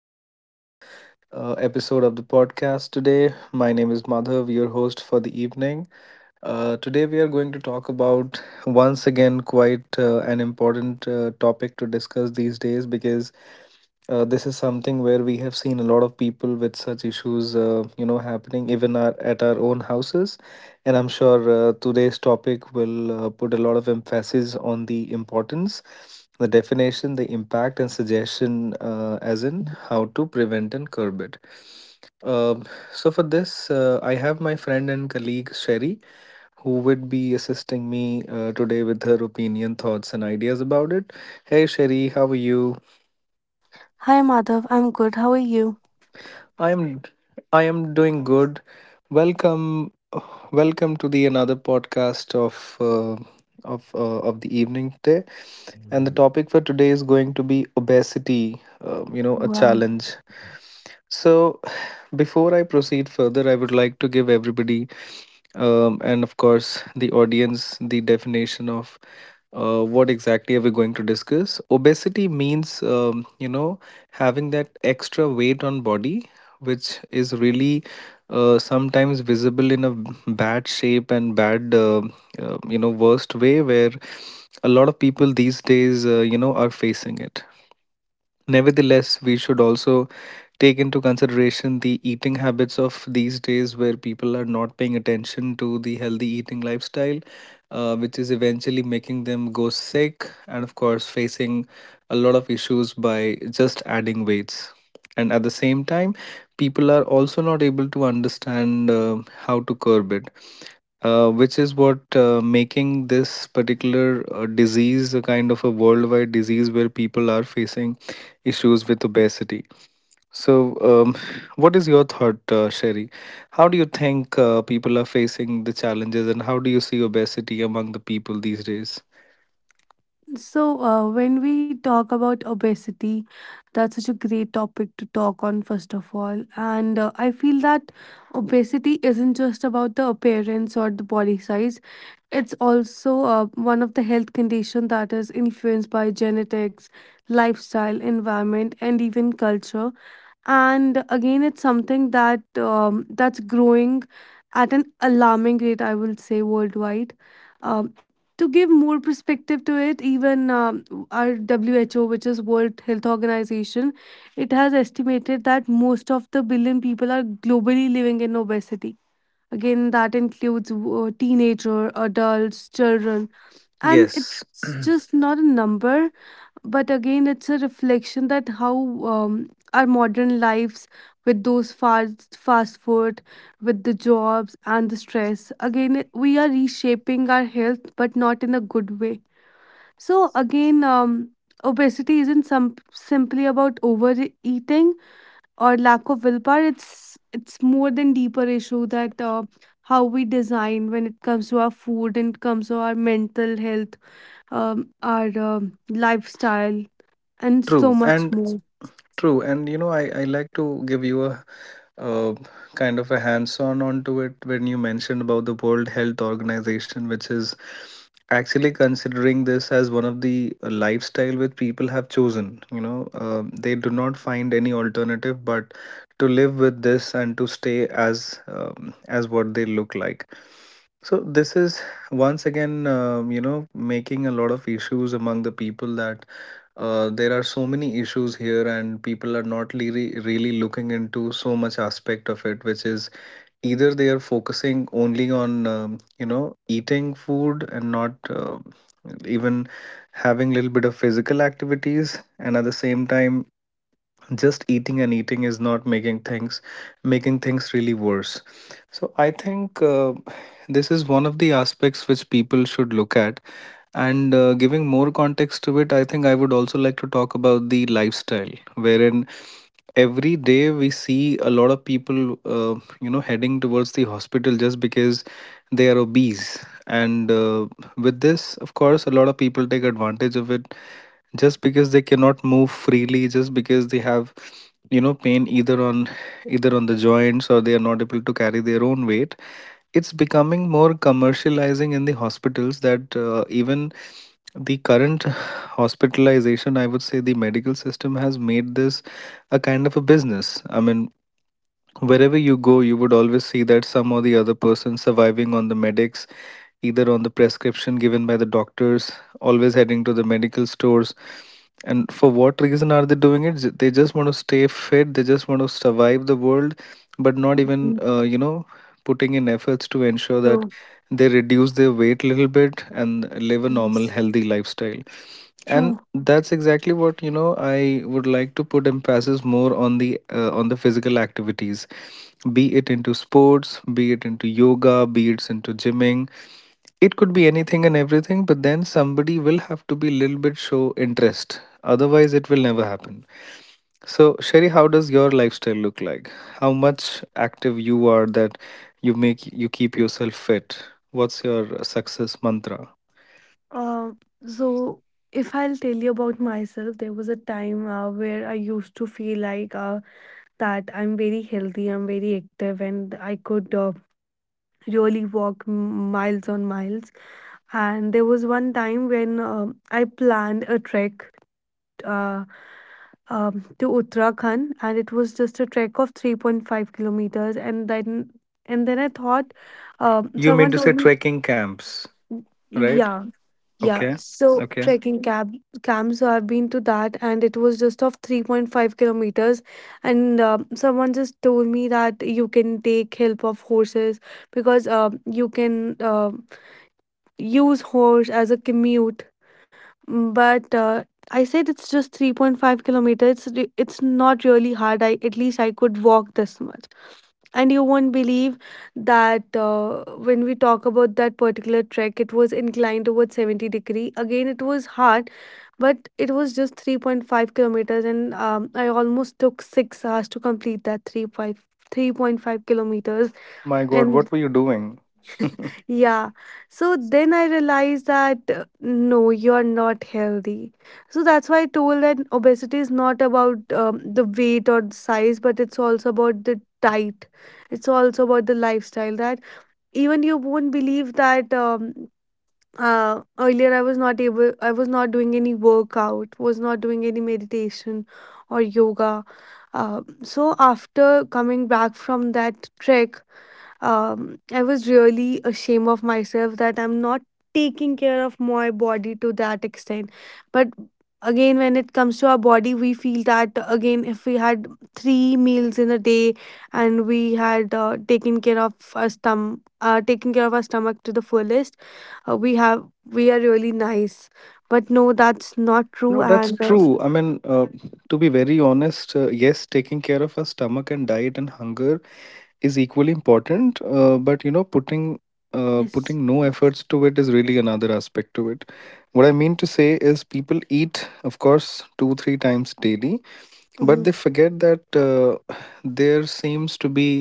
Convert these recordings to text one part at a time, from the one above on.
to the another episode of the podcast today. My name is Madhav, your host for the evening. Today we are going to talk about once again quite an important topic to discuss these days, because this is something where we have seen a lot of people with such issues happening even at our own houses. And I'm sure today's topic will put a lot of emphasis on the importance, the definition, the impact, and suggestion, as in how to prevent and curb it. Um, so, for this, I have my friend and colleague Sherry, who would be assisting me today with her opinion, thoughts, and ideas about it. Hey, Sherry, how are you? Hi Madhav, I'm good. How are you? I am I am doing good. Welcome welcome to the another podcast uh, of the evening today. And the topic for today is going to be obesity, a Wow. challenge. So, before I proceed further, I would like to give everybody, and of course, the audience, the definition of what exactly are we going to discuss. Obesity means, having that extra weight on body, which is really sometimes visible in a bad shape and bad, worst way, where a lot of people these days, are facing it. Nevertheless, we should also take into consideration the eating habits of these days, where people are not paying attention to the healthy eating lifestyle, which is eventually making them go sick and, of course, facing a lot of issues by just adding weights. And at the same time, people are also not able to understand how to curb it, which is what making this particular disease a kind of a worldwide disease, where people are facing issues with obesity. So, what is your thought, Sherry? How do you think people are facing the challenges, and how do you see obesity among the people these days? When we talk about obesity, that's such a great topic to talk on, first of all. And I feel that obesity isn't just about the appearance or the body size. It's also one of the health conditions that is influenced by genetics, lifestyle, environment, and even culture. And again, it's something that's growing at an alarming rate, I will say worldwide. um, to give more perspective to it, even our WHO, which is World Health Organization, it has estimated that most of the billion people are globally living in obesity. Again, that includes teenager, adults, children. And Yes, it's just not a number, but again, it's a reflection that how, our modern lives with those fast food, with the jobs and the stress. Again, we are reshaping our health, but not in a good way. So again, obesity isn't some simply about overeating or lack of willpower. It's more than deeper issue that how we design when it comes to our food and comes to our mental health, our lifestyle, and so true much and more. true. And you know, I like to give you a uh, kind of a hands-on onto it when you mentioned about the World Health Organization, which is actually considering this as one of the lifestyle which people have chosen. You know, they do not find any alternative but to live with this and to stay as what they look like. So this is, once again, making a lot of issues among the people, that there are so many issues here and people are not really looking into so much aspect of it, which is either they are focusing only on eating food and not even having little bit of physical activities, and at the same time just eating and eating is not making things really worse. So I think this is one of the aspects which people should look at. And giving more context to it, I think I would also like to talk about the lifestyle, wherein every day we see a lot of people heading towards the hospital, just because they are obese. And with this, of course, a lot of people take advantage of it, just because they cannot move freely, just because they have pain either on the joints, or they are not able to carry their own weight. It's becoming more commercializing in the hospitals, that even the current hospitalization, I would say the medical system has made this a kind of a business. I mean, wherever you go, you would always see that some or the other person surviving on the medics, either on the prescription given by the doctors, always heading to the medical stores. And for what reason are they doing it? They just want to stay fit, they just want to survive the world, but not even Mm, putting in efforts to ensure that true. they reduce their weight a little bit and live a normal, Yes, healthy lifestyle. And true. that's exactly what I would like to put emphasis more on, the physical activities. Be it into sports, be it into yoga, be it into gymming, it could be anything and everything, but then somebody will have to be a little bit, show interest, otherwise it will never happen. So Sherry, how does your lifestyle look like? How much active you are, that you keep yourself fit? What's your success mantra? Uh, so if I'll tell you about myself, there was a time where I used to feel like that I'm very healthy, I'm very active, and I could really walk miles on miles. And there was one time when, I planned a trek uh, to Uttarakhand, and it was just a trek of 3.5 kilometers. And then I thought, You mean someone to told say me, trekking camps, right? yeah, yeah. Okay. So Okay. trekking cab camp. So I've been to that, and it was just of 3.5 kilometers. And someone just told me that you can take help of horses, because you can use horse as a commute. But I said it's just 3.5 kilometers. It's not really hard. I at least I could walk this much. And you won't believe that when we talk about that particular trek, it was inclined towards 70 degree. Again, it was hard, but it was just 3.5 kilometers, and I almost took 6 hours to complete that 3.5 kilometers. My God, And what were you doing? yeah. So then I realized that no, you're not healthy. So that's why I told that obesity is not about the weight or the size, but it's also about the diet. It's also about the lifestyle that even you won't believe that earlier I was not doing any workout, was not doing any meditation or yoga. So after coming back from that trek, I was really ashamed of myself that I'm not taking care of my body to that extent. But again, when it comes to our body, we feel that again, if we had three meals in a day, and we had taken care of our stomach to the fullest. We are really nice, but no, No, that's that's not true. I true. mean, And to be very honest, yes, taking care of our stomach and diet and hunger is equally important. But you know, putting no yes. efforts to it is really another aspect to it. What I mean to say is, people eat, of course, 2 3 times daily, but they Mhm. forget that, there seems to be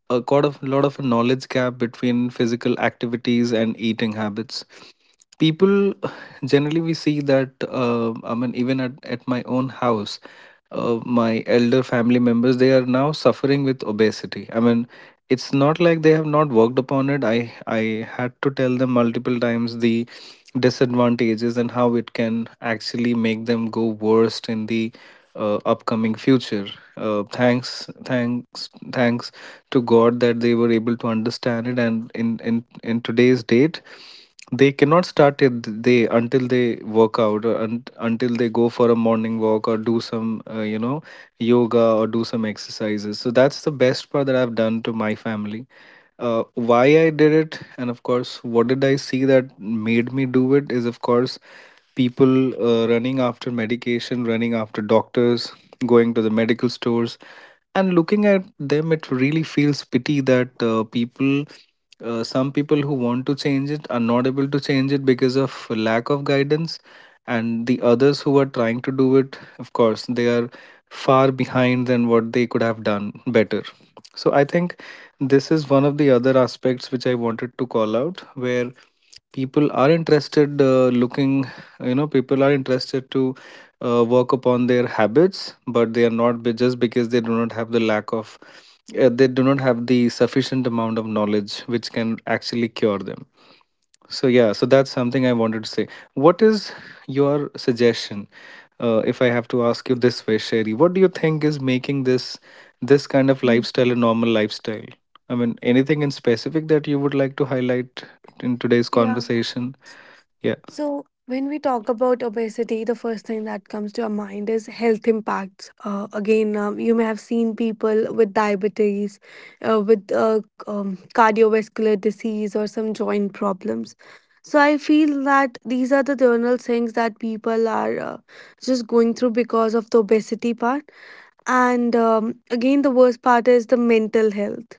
a lot of knowledge gap between physical activities and eating habits. People generally, we see that, I mean, even at my own house, my elder family members, they are now suffering with obesity. I mean, it's not like they have not worked upon it. I had to tell them multiple times the disadvantages and how it can actually make them go worst in the upcoming future. uh, thanks thanks Thanks to god that they were able to understand it, and in today's date, they cannot start it they until they work out, or until they go for a morning walk or do some yoga or do some exercises. So that's the best part that I've done to my family. Why I did it, and of course, what did I see that made me do it, is, of course, people running after medication, running after doctors, going to the medical stores. And looking at them, it really feels pity that people, some people who want to change it are not able to change it because of lack of guidance, and the others who are trying to do it, of course, they are far behind than what they could have done better. So I think this is one of the other aspects which I wanted to call out, where people are interested, looking you know people are interested to work upon their habits, but they are not just because they do not have the lack of, they do not have the sufficient amount of knowledge which can actually cure them. So yeah, so that's something I wanted to say. What is your suggestion? If I have to ask you this way, Sherry, what do you think is making this kind of lifestyle a normal lifestyle? I mean, anything in specific that you would like to highlight in today's Mm. conversation? Yeah. So, when we talk about obesity, the first thing that comes to our mind is health impacts. Again, you may have seen people with diabetes, with cardiovascular disease, or some joint problems. So, I feel that these are the general things that people are just going through because of the obesity part. And again, the worst part is the mental health.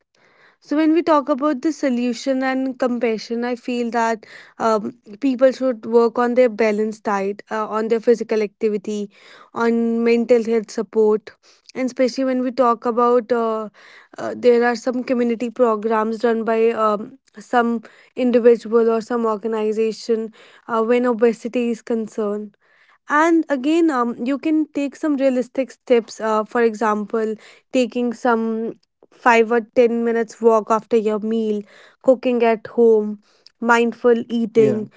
So when we talk about the solution and compassion, I feel that um, people should work on their balanced diet, on their physical activity, on mental health support, and especially when we talk about there are some community programs run by some individual or some organization when obesity is concerned. And again, you can take some realistic steps. For example, taking some 5 or 10 minutes walk after your meal, cooking at home, mindful Yeah. eating,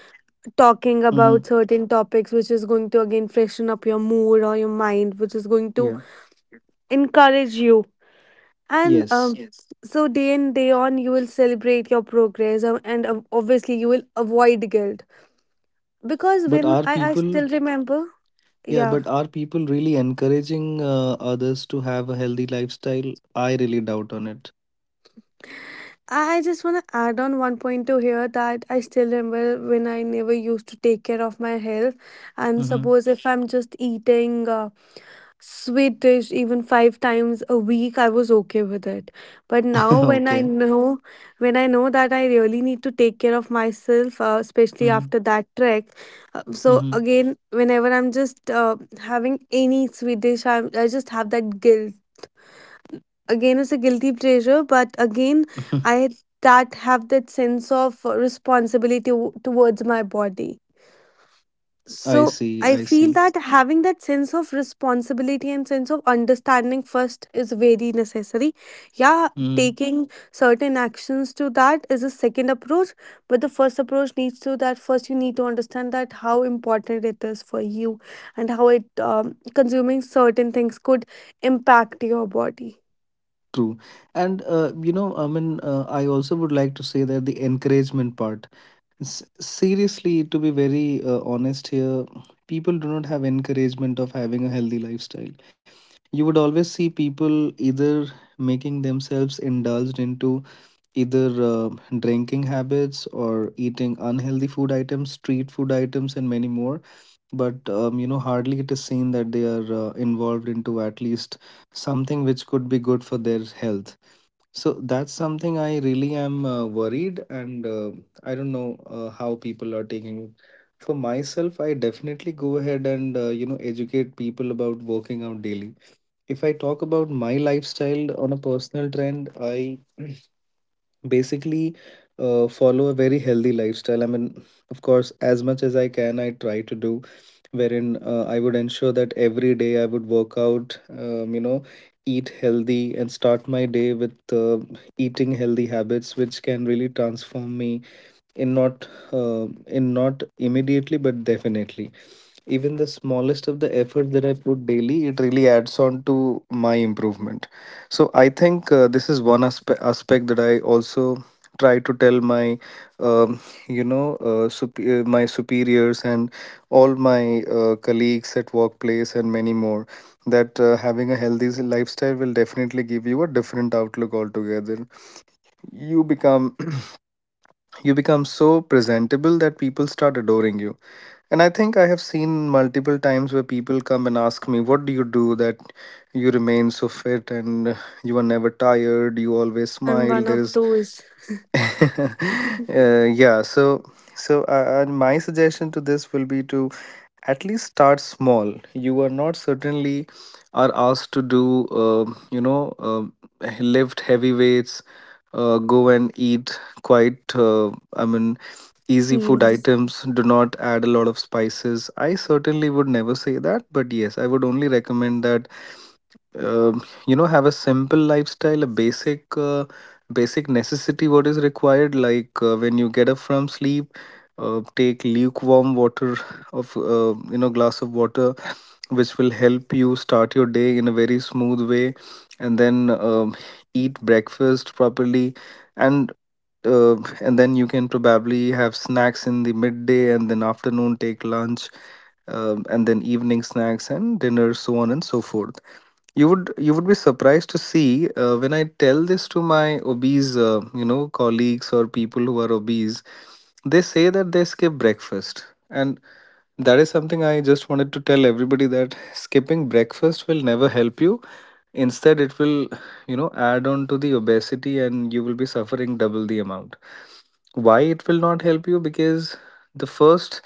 Mm-hmm. talking about certain topics, which is going to again freshen up your mood or your mind, which is going Yeah. to encourage you. And Yes. Yes. So day in day on, you will celebrate your progress, and obviously you will avoid guilt because But when are I still people, remember, yeah, yeah. but are people really encouraging others to have a healthy lifestyle? I really doubt on it. I just want to add on one point to here that I still remember when I never used to take care of my health. And Mm-hmm. suppose if I'm just eating a sweet dish even five times a week, I was okay with it. But now when I Okay. know, when I know that I really need to take care of myself, especially Mm-hmm. after that trek. So Mm-hmm. again, whenever I'm just having any sweet dish, I just have that guilt. Again, it's a guilty pleasure, but again, I that have that sense of responsibility towards my body. So I see, I I feel see. that having that sense of responsibility and sense of understanding first is very necessary. Yeah. Mm, Taking certain actions to that is a second approach, but the first approach needs to. That first, you need to understand that how important it is for you, and how it consuming certain things could impact your body. true. And you know, I mean, I also would like to say that, the encouragement part. Seriously, to be very honest here, people do not have encouragement of having a healthy lifestyle. You would always see people either making themselves indulged into either drinking habits, or eating unhealthy food items, street food items, and many more. But hardly it is seen that they are involved into at least something which could be good for their health. So that's something I really am worried, and I don't know how people are taking it. For myself, I definitely go ahead and educate people about working out daily. If I talk about my lifestyle on a personal trend, I basically follow a very healthy lifestyle. I mean, of course, as much as I can, I try to do, wherein I would ensure that every day I would work out, eat healthy, and start my day with eating healthy habits, which can really transform me, in not immediately, but definitely. Even the smallest of the effort that I put daily, it really adds on to my improvement. So I think, this is one aspect that I also try to tell my um, my superiors and all my colleagues at workplace and many more, that having a healthy lifestyle will definitely give you a different outlook altogether. You become you become so presentable that people start adoring you. And I think I have seen multiple times where people come and ask me, what do you do that you remain so fit and you are never tired? You always I'm smile. one There of is, those. uh, yeah. So, my suggestion to this will be to at least start small. You are not certainly are asked to do, lift heavy weights, go and eat quite, I mean, easy food Yes. items. Do not add a lot of spices. I certainly would never say that, but yes, I would only recommend that, um, have a simple lifestyle, a basic necessity, what is required, like when you get up from sleep, take lukewarm water, of glass of water, which will help you start your day in a very smooth way. And then eat breakfast properly. And uh, and then you can probably have snacks in the midday, and then afternoon take lunch, and then evening snacks and dinner, so on and so forth. You would be surprised to see, when I tell this to my obese, colleagues or people who are obese, they say that they skip breakfast. And that is something I just wanted to tell everybody, that skipping breakfast will never help you. Instead, it will, you know, add on to the obesity, and you will be suffering double the amount. Why it will not help you? Because the first,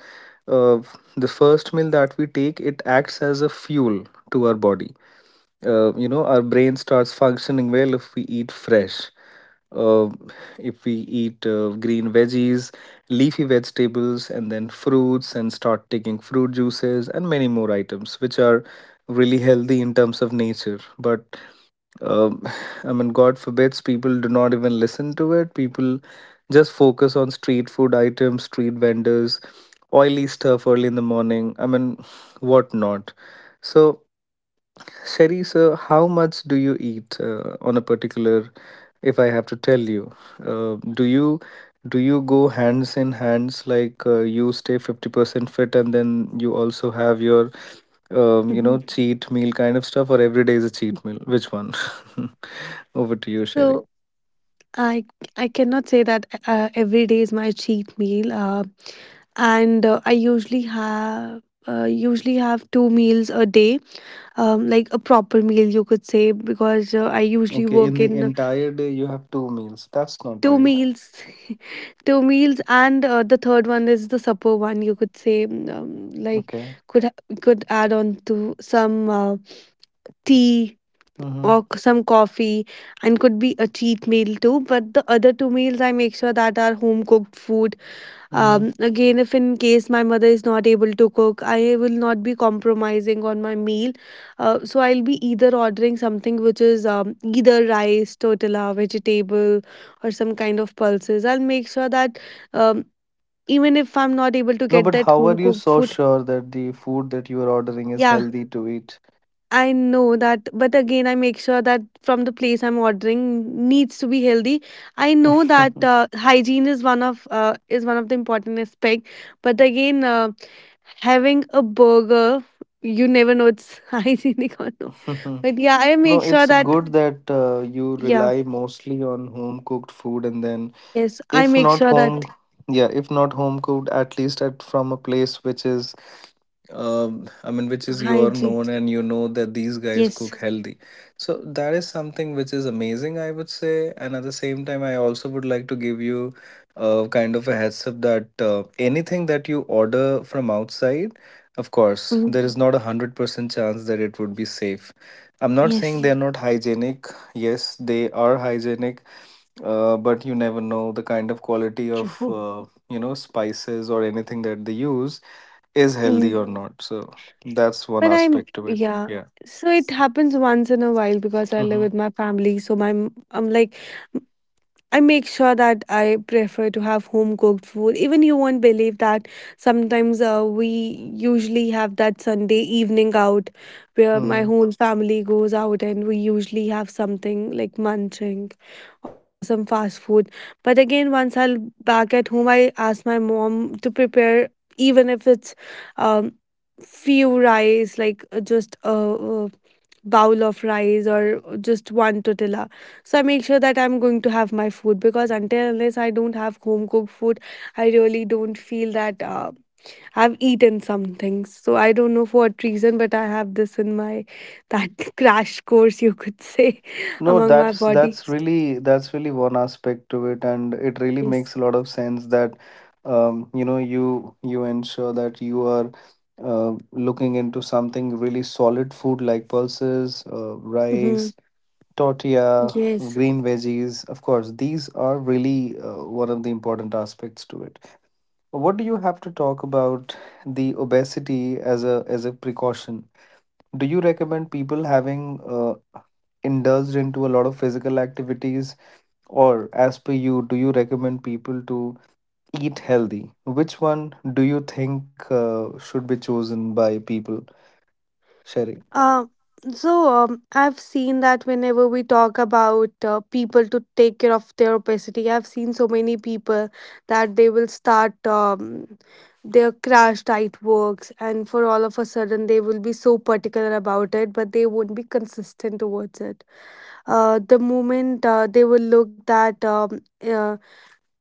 uh, the first meal that we take, it acts as a fuel to our body. Our brain starts functioning well if we eat fresh, uh, if we eat green veggies, leafy vegetables, and then fruits, and start taking fruit juices and many more items which are really healthy in terms of nature. But um, I mean, God forbids, people do not even listen to it. People just focus on street food items, street vendors, oily stuff early in the morning. I mean, what not. So, Sherry, so how much do you eat on a particular? If I have to tell you, uh, do you do you go hands in hands, like you stay 50% fit, and then you also have your Mhm. cheat meal kind of stuff, or every day is a cheat meal? Which one? Over to you, Sherry. So I I cannot say that every day is my cheat meal. And I usually have two meals a day, like a proper meal you could say, because I usually Okay, in work the in entire day you have two meals. That's not two right. meals, two meals, and the third one is the supper one, you could say. Like Okay. could add on to some tea Mm-hmm. or some coffee, and could be a cheat meal too, but the other two meals, I make sure that are home cooked food. Mm-hmm. Again, if in case my mother is not able to cook, I will not be compromising on my meal. So I'll be either ordering something which is either rice, tortilla, vegetable, or some kind of pulses. I'll make sure that um, even if I'm not able to No, get but that how home are you cooked so food, sure that the food that you are ordering is yeah, healthy to eat? I know that, but again, I make sure that from the place I'm ordering needs to be healthy. I know that hygiene is one of the important aspect, but again, having a burger, you never know it's hygienic or not. But yeah, I No, make sure it's that. good that you Yeah, rely mostly on home cooked food. And then, yes, I if make not sure that home, yeah, if not home cooked, at least at from a place which is, I mean, which is your hygiene. known, and you know that these guys Yes. cook healthy. So that is something which is amazing, I would say. And at the same time, I also would like to give you kind of a heads up, that anything that you order from outside, of course, Mhm. there is not a 100% chance that it would be safe. I'm not saying Yes, they're not hygienic, yes, they are hygienic. But you never know the kind of quality of true. Spices or anything that they use is Mm-hmm. healthy or not. So that's one But I'm aspect to it. yeah. Yeah. So it happens once in a while because I live Mm-hmm. with my family. So I'm like I make sure that I prefer to have home cooked food. Even you won't believe that sometimes we usually have that Sunday evening out, where my Mm-hmm. whole family goes out, and we usually have something like munching, or some fast food. But again, once I'm back at home, I ask my mom to prepare, even if it's um, few rice, like just a bowl of rice, or just one tortilla. So I make sure that I'm going to have my food, because until unless I don't have home cooked food, I really don't feel that I've eaten something. So I don't know for what reason, but I have this in my that crash course, you could say, no among my that's body. that's really that's really one aspect to it, and it really Yes. makes a lot of sense that you ensure that you are looking into something really solid food, like pulses, Hmm. rice, tortilla, Yes. green veggies. Of course, these are really one of the important aspects to it. What do you have to talk about the obesity as a precaution? Do you recommend people having indulged into a lot of physical activities, or as per you, do you recommend people to eat healthy? Which one do you think should be chosen by people, Sherry? Uh, so I've seen that whenever we talk about people to take care of their obesity, I've seen so many people that they will start their crash diet works, and for all of a sudden they will be so particular about it, but they won't be consistent towards it. The moment they will look that uh,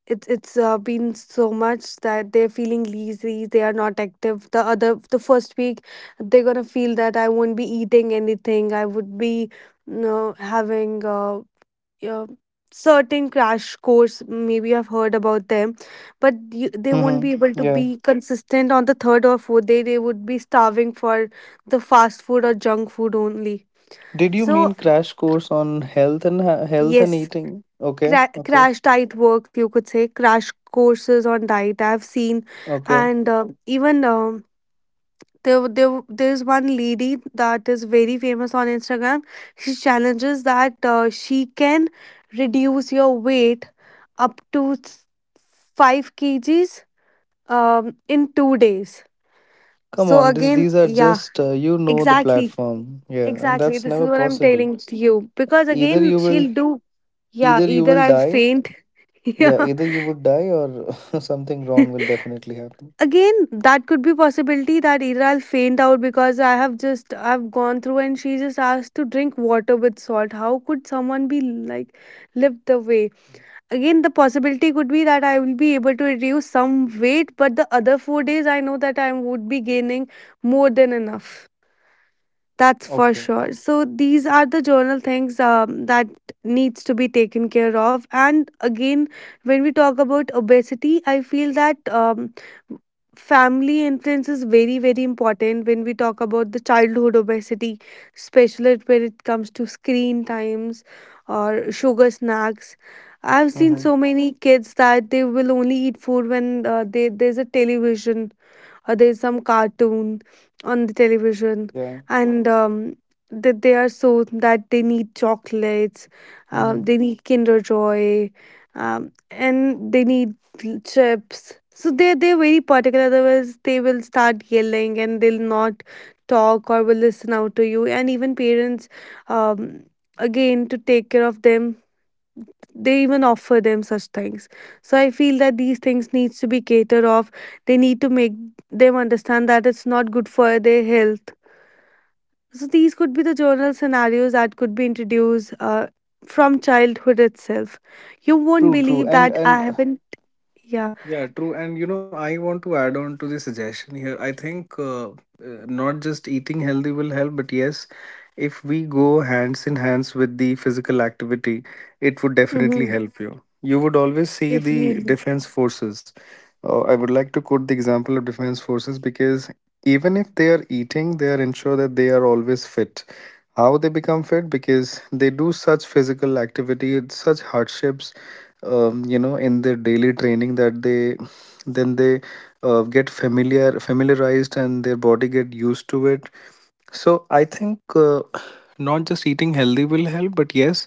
it's been so much that they're feeling lazy. They are not active. The first week, they're gonna feel that I won't be eating anything. I would be, having uh, certain crash course. Maybe I've heard about them, but they won't be Mm-hmm. able to be consistent on the third or fourth day. They would be starving for the fast food or junk food only. Did you So mean crash course on health and health and yes, eating? Okay, okay, crash diet works, you could say. Crash courses on diet I've seen. okay. And even there, there there's one lady that is very famous on Instagram. She challenges that she can reduce your weight up to 5 kgs in 2 days. Come So on, this, again, these are yeah, just the exactly. platform. Yeah, and Exactly, that's this is never what I'm possible. telling to you. Because Either again, you will she'll do. Yeah, either you either will I'll die. faint. Yeah, Yeah. either you would die, or something wrong will definitely happen. Again, that could be possibility that either I'll faint out, because I have just I've gone through, and she just asked to drink water with salt. How could someone be like live the way. Again, the possibility could be that I will be able to reduce some weight, but the other 4 days I know that I would be gaining more than enough. That's for Okay. sure. So these are the journal things that needs to be taken care of. And again, when we talk about obesity, I feel that family influence is very very important when we talk about the childhood obesity, especially when it comes to screen times or sugar snacks. I've seen Mm-hmm. so many kids that they will only eat food when they there's a television, or there's some cartoon on the television. Yeah. And that they are, so that they need chocolates, Mm-hmm. They need kinder joy, and they need chips. So they they're very particular, otherwise they will start yelling and they'll not talk or will listen out to you. And even parents, um, again to take care of them, they even offer them such things. So I feel that these things needs to be catered off. They need to make them understand that it's not good for their health. So these could be the journal scenarios that could be introduced from childhood itself. You won't True, true. believe And that I and haven't. Yeah. yeah, true. And you know, I want to add on to the suggestion here. I think not just eating healthy will help, but yes, if we go hands in hands with the physical activity, it would definitely Mm-hmm. help you. You would always see the Definitely. defense forces. I would like to quote the example of defense forces, because even if they are eating, they are ensure that they are always fit. How they become fit? Because they do such physical activity, such hardships, in their daily training, that they then they get familiarized, and their body get used to it. So I think, not just eating healthy will help, but yes,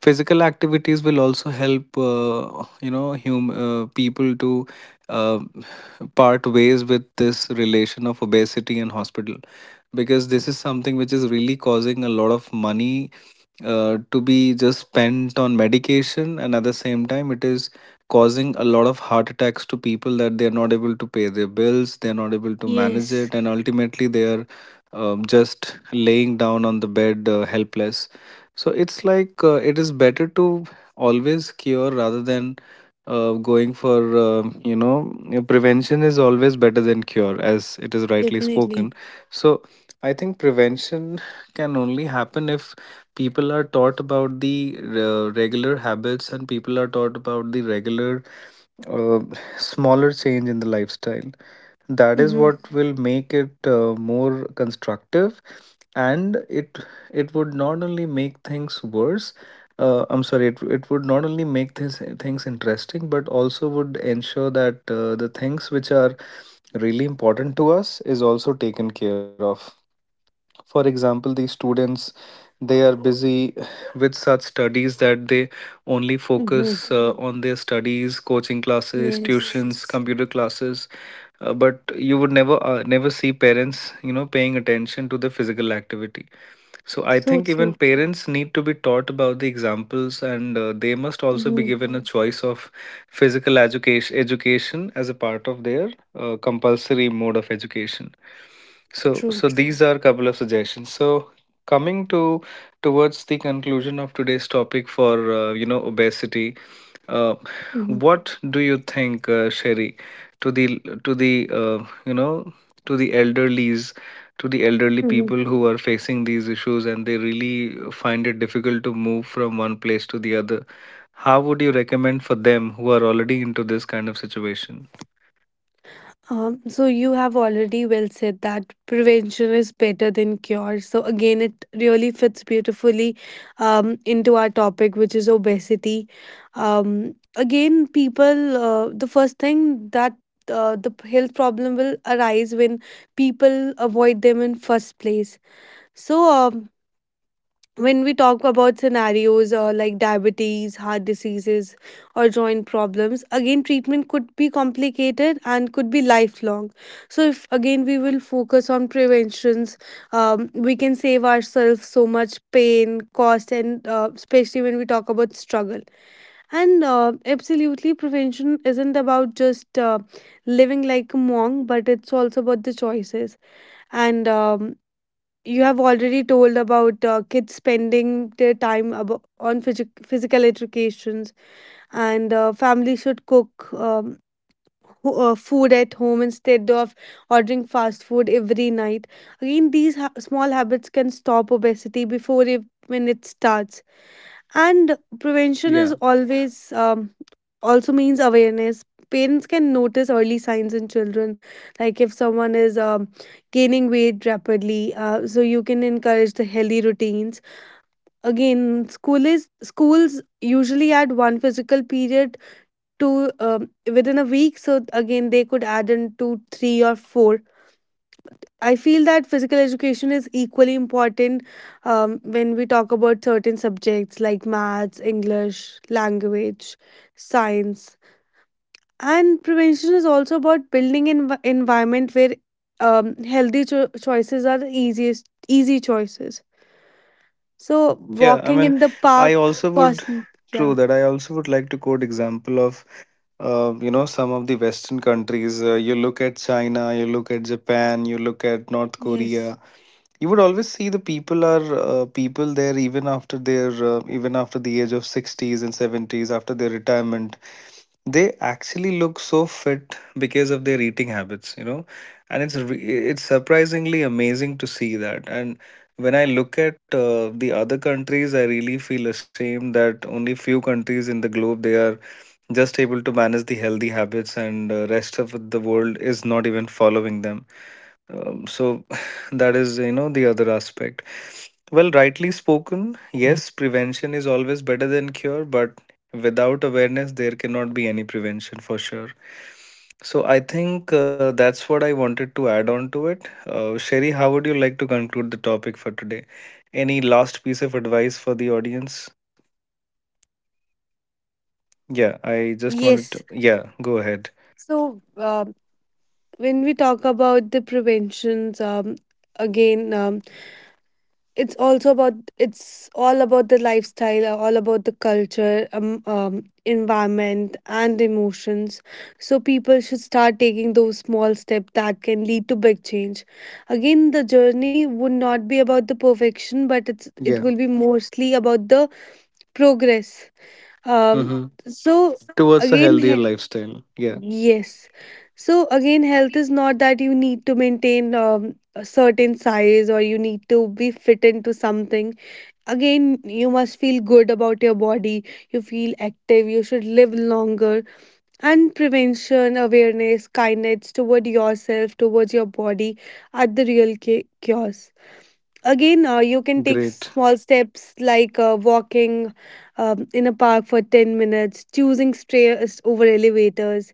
physical activities will also help. You know, hum people to uh, part ways with this relation of obesity and hospital, because this is something which is really causing a lot of money to be just spent on medication, and at the same time, it is causing a lot of heart attacks to people that they're not able to pay their bills, they're not able to manage Yes, it, and ultimately they're just laying down on the bed helpless. So it's like, it is better to always cure rather than going for, prevention is always better than cure, as it is rightly definitely. spoken. So I think prevention can only happen if people are taught about the regular habits, and people are taught about the regular, uh, smaller change in the lifestyle. That is Hmm. what will make it more constructive, and it would not only make things worse, I'm sorry, it would not only make this things interesting, but also would ensure that the things which are really important to us is also taken care of. For example, the students, they are busy with such studies that they only Mm-hmm. focus on their studies, coaching classes, Yes. tuitions, yes, computer classes. But you would never never see parents, you know, paying attention to the physical activity. So I So think even true. parents need to be taught about the examples, and they must also be Mm-hmm. given a choice of physical education as a part of their compulsory mode of education. So True. so these are a couple of suggestions. So coming to towards the conclusion of today's topic for obesity, uh, what do you think, Sherry, to the to the uh, you know to the elderly to the elderly Mm-hmm. people who are facing these issues and they really find it difficult to move from one place to the other? How would you recommend for them who are already into this kind of situation? So you have already well said that prevention is better than cure. So again, it really fits beautifully into our topic, which is obesity. Again, people, the first thing that the health problem will arise when people avoid them in first place. So when we talk about scenarios like diabetes, heart diseases, or joint problems, again, treatment could be complicated and could be lifelong. So, if again we will focus on preventions, we can save ourselves so much pain, cost, and especially when we talk about struggle. And absolutely, prevention isn't about just living like a monk, but it's also about the choices. And you have already told about kids spending their time on physical educations, and family should cook food at home instead of ordering fast food every night. Again, these small habits can stop obesity before it, when it starts. And prevention is Yeah. always, also means awareness. Parents can notice early signs in children, like if someone is gaining weight rapidly. So you can encourage the healthy routines. Again, schools usually add one physical period to within a week. So again, they could add in two, three, or four. I feel that physical education is equally important when we talk about certain subjects like maths, English, language, science. And prevention is also about building an environment where healthy choices are the easiest, easy choices. So Yeah, I walking mean, in the I park, also would, cost, yeah, true that, I also would like to quote example of some of the western countries. You look at China, you look at Japan, you look at North yes, Korea, you would always see the people are people there, even after their even after the age of 60s and 70s, after their retirement, they actually look so fit because of their eating habits, you know. And it's surprisingly amazing to see that. And when I look at the other countries, I really feel ashamed that only few countries in the globe, they are just able to manage the healthy habits, and rest of the world is not even following them, so that is, you know, the other aspect. Well, rightly spoken, yes, prevention is always better than cure, but without awareness, there cannot be any prevention for sure. So I think, that's what I wanted to add on to it. Sherry, how would you like to conclude the topic for today? Any last piece of advice for the audience? Yeah, I just wanted yes. to. Yeah, go ahead. So when we talk about the preventions, again, it's also about, it's all about the lifestyle, all about the culture, environment and emotions. So people should start taking those small steps that can lead to big change. Again, the journey would not be about the perfection, but it's it Yeah. will be mostly about the progress. um Mm-hmm. so Towards a Again healthier lifestyle. Yeah, yes, so again, health is not that you need to maintain a certain size or you need to be fit into something. Again, you must feel good about your body, you feel active, you should live longer. And prevention, awareness, kindness toward yourself, towards your body are the real cures. Again, you can take great. small steps like walking in a park for 10 minutes, choosing stairs over elevators,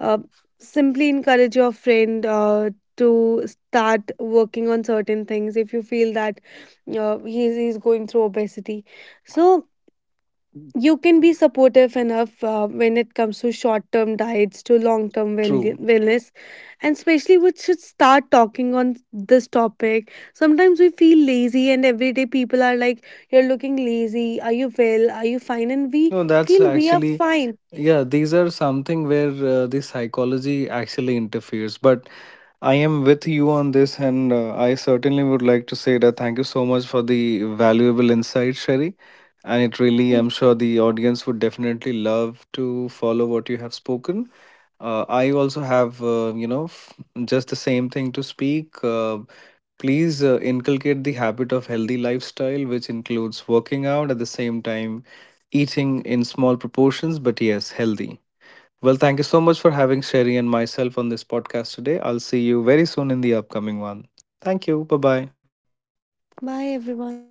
uh, simply encourage your friend to start working on certain things if you feel that he's going through obesity. So you can be supportive enough when it comes to short term diets to long term True. wellness. And especially, we should start talking on this topic. Sometimes we feel lazy, and everyday people are like, you're looking lazy. Are you well? Are you fine? And we No, that's feel we are actually, fine. yeah, these are something where the psychology actually interferes. But I am with you on this, and I certainly would like to say that thank you so much for the valuable insight, Sherry. And it really, I'm sure the audience would definitely love to follow what you have spoken. I also have, just the same thing to speak. Please inculcate the habit of healthy lifestyle, which includes working out at the same time, eating in small proportions, but yes, healthy. Well, thank you so much for having Sherry and myself on this podcast today. I'll see you very soon in the upcoming one. Thank you. Bye bye. Bye, everyone.